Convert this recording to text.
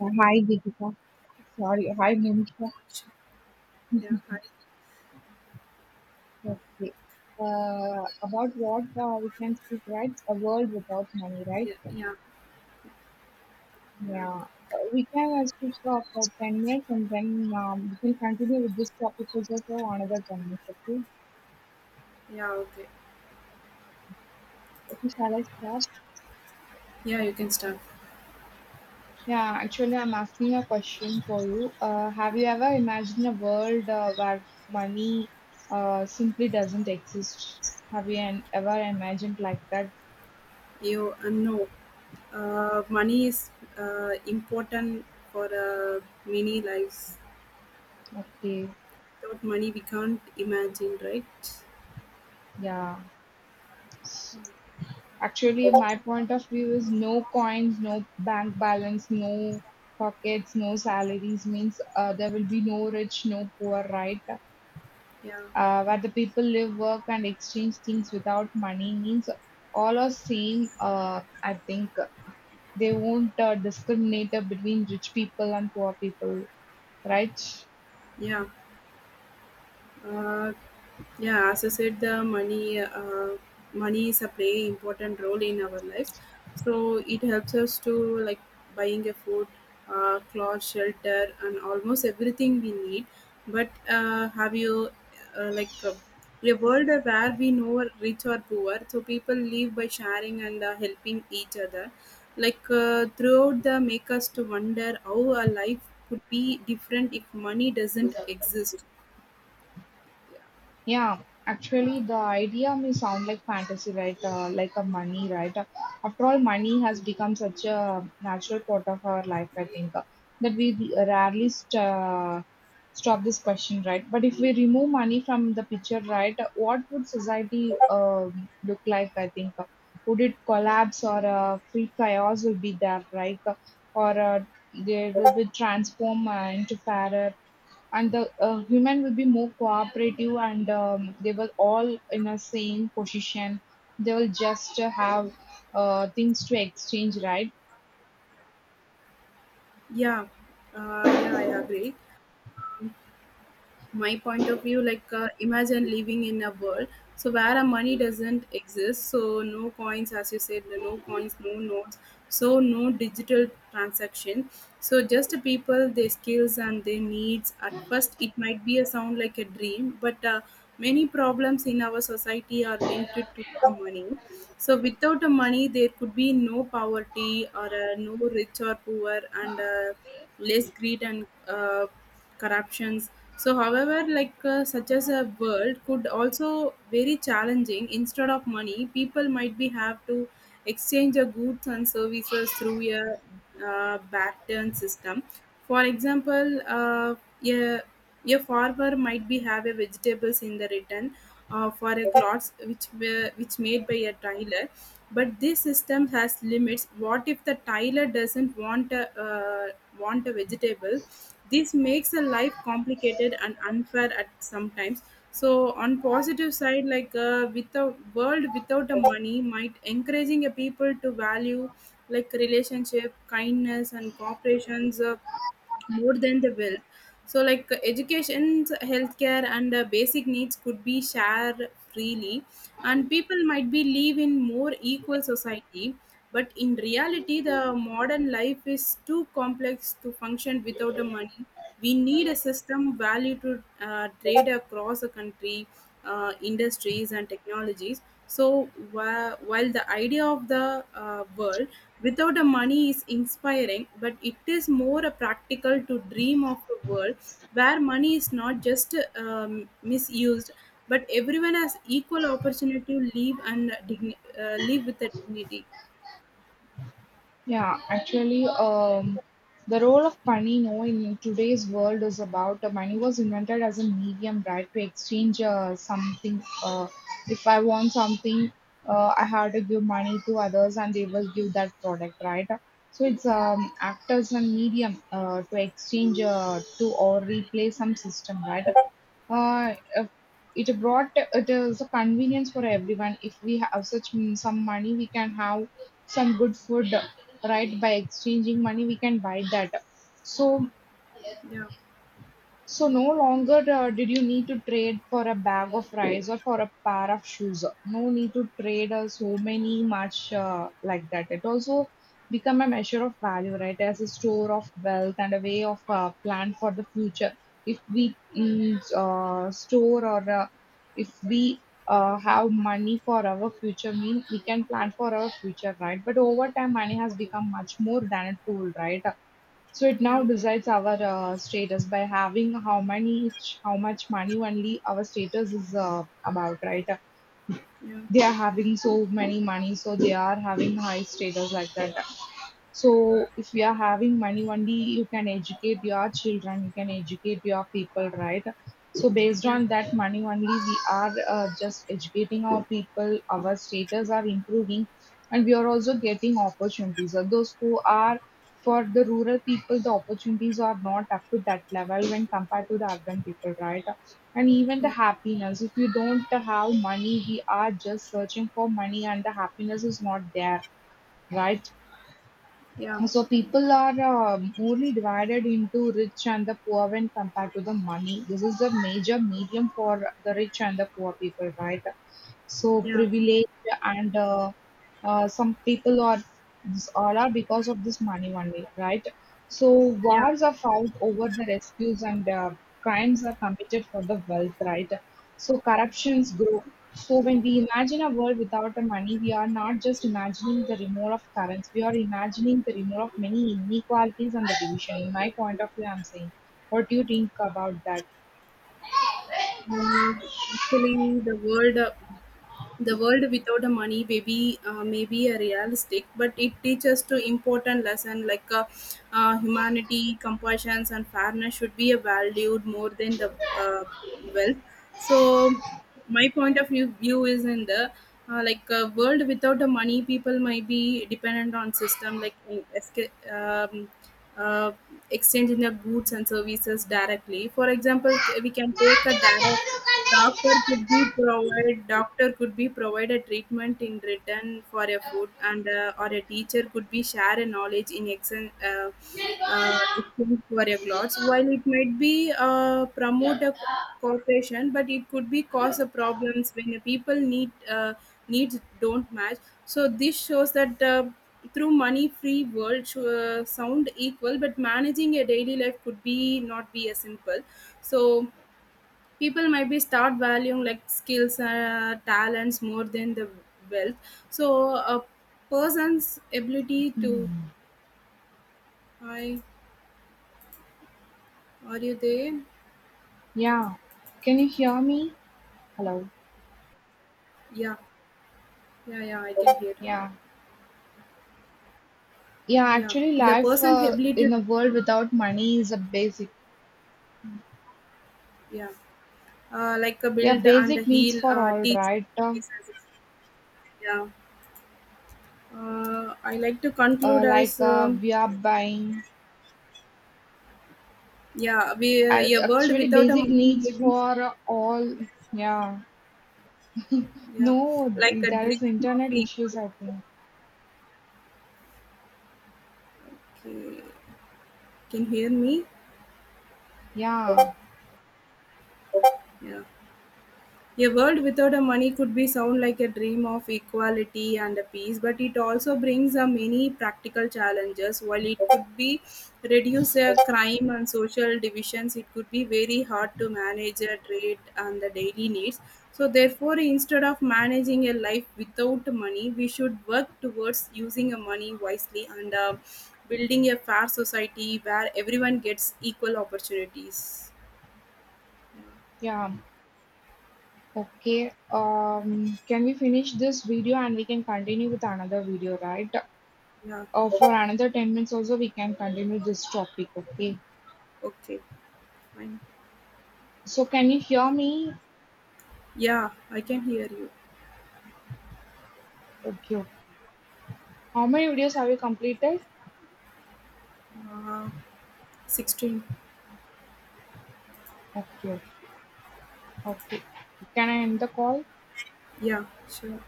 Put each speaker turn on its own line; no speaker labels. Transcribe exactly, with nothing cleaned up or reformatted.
Uh, Hi, Deepika. Sorry, hi, Monisha.
Yeah, hi.
Okay. Uh, about what uh, we can speak, right? A world without money, right?
Yeah, yeah, yeah,
Yeah. Uh, we can uh, speak uh, for ten minutes and then um, we can continue with this topic also for another ten minutes, okay?
yeah. Okay.
Okay, shall I start?
Yeah, you can start.
Yeah, I have a question for you. Uh, have you ever imagined a world uh, where money uh, simply doesn't exist? Have you an- ever imagined like that?
You uh, No, uh, money is uh, important for uh, many lives.
Okay,
Without money, we can't imagine, right?
yeah. Actually, my point of view is no coins, no bank balance, no pockets, no salaries means uh, there will be no rich, no poor, right?
Yeah,
Uh, where the people live, work, and exchange things without money means all are same. Uh, I think they won't uh, discriminate between rich people and poor people, right?
yeah. uh, yeah as i said the money uh, money is a play important role in our lives, so it helps us to like buying a food, uh, clothes, shelter, and almost everything we need. But uh, have you uh, like uh, a world where we know are rich or poor, so people live by sharing and uh, helping each other, like uh, throughout the make us to wonder how our life could be different if money doesn't exist.
Yeah, actually, the idea may sound like fantasy, right? Uh, like a money, right? Uh, after all, money has become such a natural part of our life, I think, uh, that we rarely st- uh, stop this question, right? But if we remove money from the picture, right, what would society um look like, I think? Would it collapse or uh, free chaos will be there, right? Or uh, They will be transformed uh, into parrot, and the uh, human will be more cooperative and um, they will all in a same position, they will just uh, have uh, things to exchange, right?
Yeah, uh, yeah, I agree. My point of view, like uh, imagine living in a world, so where a money doesn't exist, so no coins, as you said, no coins, no notes, so no digital transaction, so just the people, their skills, and their needs. At first it might be a sound like a dream, but uh, many problems in our society are linked to the money, so without the money there could be no poverty or uh, no rich or poor, and uh, less greed and uh, corruptions. So, however, like uh, such as a world could also very challenging. Instead of money, people might be have to exchange their goods and services through a uh, back-turn system. For example, uh, a, a farmer might be have a vegetables in the return uh, for a cloth which were, which made by a tailor, but this system has limits. What if the tyler doesn't want a uh, want a vegetable? This makes a life complicated and unfair at sometimes. So on positive side, like uh, with a world without a money might encouraging a people to value like relationship, kindness, and cooperations, uh, more than the will. So like uh, education, healthcare, and uh, basic needs could be shared freely, and people might be live in more equal society. But in reality, the modern life is too complex to function without the money. We need a system value to uh, trade across a country, uh, industries, and technologies. So wh- while the idea of the uh, world without the money is inspiring, but it is more a practical to dream of a world where money is not just um, misused, but everyone has equal opportunity to live and digni- uh, live with a dignity.
Yeah, actually, um, the role of money, no, in today's world is about uh, money was invented as a medium, right, to exchange uh, something. Uh, if I want something, uh, I have to give money to others, and they will give that product, right? So it's
Yeah,
um, act as a medium uh, to exchange uh, to or replace some system, right? uh, uh, it brought it is a convenience for everyone. If we have such mm, some money, we can have some good food, right? By exchanging money, we can buy that. So
yeah,
so no longer uh, did you need to trade for a bag of rice or for a pair of shoes. No need to trade uh, so many much uh, like that. It also become a measure of value, right? As a store of wealth and a way of uh, plan for the future. If we mm, uh, store or uh, if we uh, have money for our future, mean we can plan for our future, right? But over time, money has become much more than a tool, right? So it now
yeah,
decides our uh, status by having how many, how much money only our status is uh, about, right?
yeah,
They are having so many money, so they are having high status like that. So if we are having money only, you can educate your children, you can educate your people, right? So based
yeah,
on that money only, we are uh, just educating our people, our status are improving, and we are also getting opportunities. So those who are for the rural people, the opportunities are not up to that level when compared to the urban people, right? And even the
yeah,
happiness, if you don't have money, we are just searching for money, and the happiness is not there, right?
yeah,
So people are um, only divided into rich and the poor when compared to the money. This is the major medium for the rich and the poor people, right? So
yeah,
privilege and uh, uh, some people are are because of this money only, right? So
yeah.
wars are fought over the rescues and uh, crimes are committed for the wealth, right? So corruptions grow. So when we imagine a world without the money, we are not just imagining the removal of currents. We are imagining the removal of many inequalities and the division. In my point of view, I'm saying, what do you think about that?
Uh, Actually, the world, uh, the world without a money baby, uh, maybe a realistic, but it teaches to important lesson like uh, uh, humanity, compassion, and fairness should be valued more than the uh, wealth. So, my point of view, view is in the uh, like uh, world without the money, people might be dependent on system like in- esca- um, uh, exchanging the goods and services directly. For example, c- we can take a direct. Doctor could be provide doctor could be provide a treatment in return for a food, and uh, or a teacher could be share a knowledge in exchange uh, uh, exchange for a clothes. While it might be uh, promote a co- cooperation, but it could be cause a problems when the people need uh, needs don't match. So this shows that. Uh, through money free world sh- uh, sound equal, but managing a daily life could be not be as simple. So people might be start valuing like skills, uh, talents, more than the wealth. So a person's ability to, I are you there?
Yeah, can you hear me? Hello.
Yeah, yeah, yeah, I can hear.
Yeah. Yeah,
Yeah,
actually,
the
life
person's
uh,
ability to,
in a world without money is a basic.
yeah, uh, like a
Yeah,
build, and a
basic needs
heal,
for
uh,
all,
teach.
right? Uh,
Yeah, uh, I like to
uh,
conclude
like
as,
uh,
um,
we are buying.
yeah, we
Uh,
uh, a world
actually,
without a
basic
money
needs
maybe,
for all. Yeah.
yeah,
No,
like
th-
a
there is
dream of
internet issues,
equal.
I think.
Okay, can you hear me?
Yeah.
Yeah. A world without a money could be sound like a dream of equality and a peace, but it also brings a many practical challenges. While it could be reduce a crime and social divisions, it could be very hard to manage a trade and the daily needs. So therefore, instead of managing a life without money, we should work towards using a money wisely and uh, building a fair society where everyone gets equal opportunities.
Yeah. Okay. Um, can we finish this video and we can continue with another video, right?
Yeah.
Uh, for another ten minutes also, we can continue this topic. Okay.
Okay. Fine.
So, can you hear me?
Yeah, I can hear you.
Okay. Okay. How many videos have you completed?
Uh, sixteen.
Okay, okay, okay. Can I end the call?
Yeah, sure.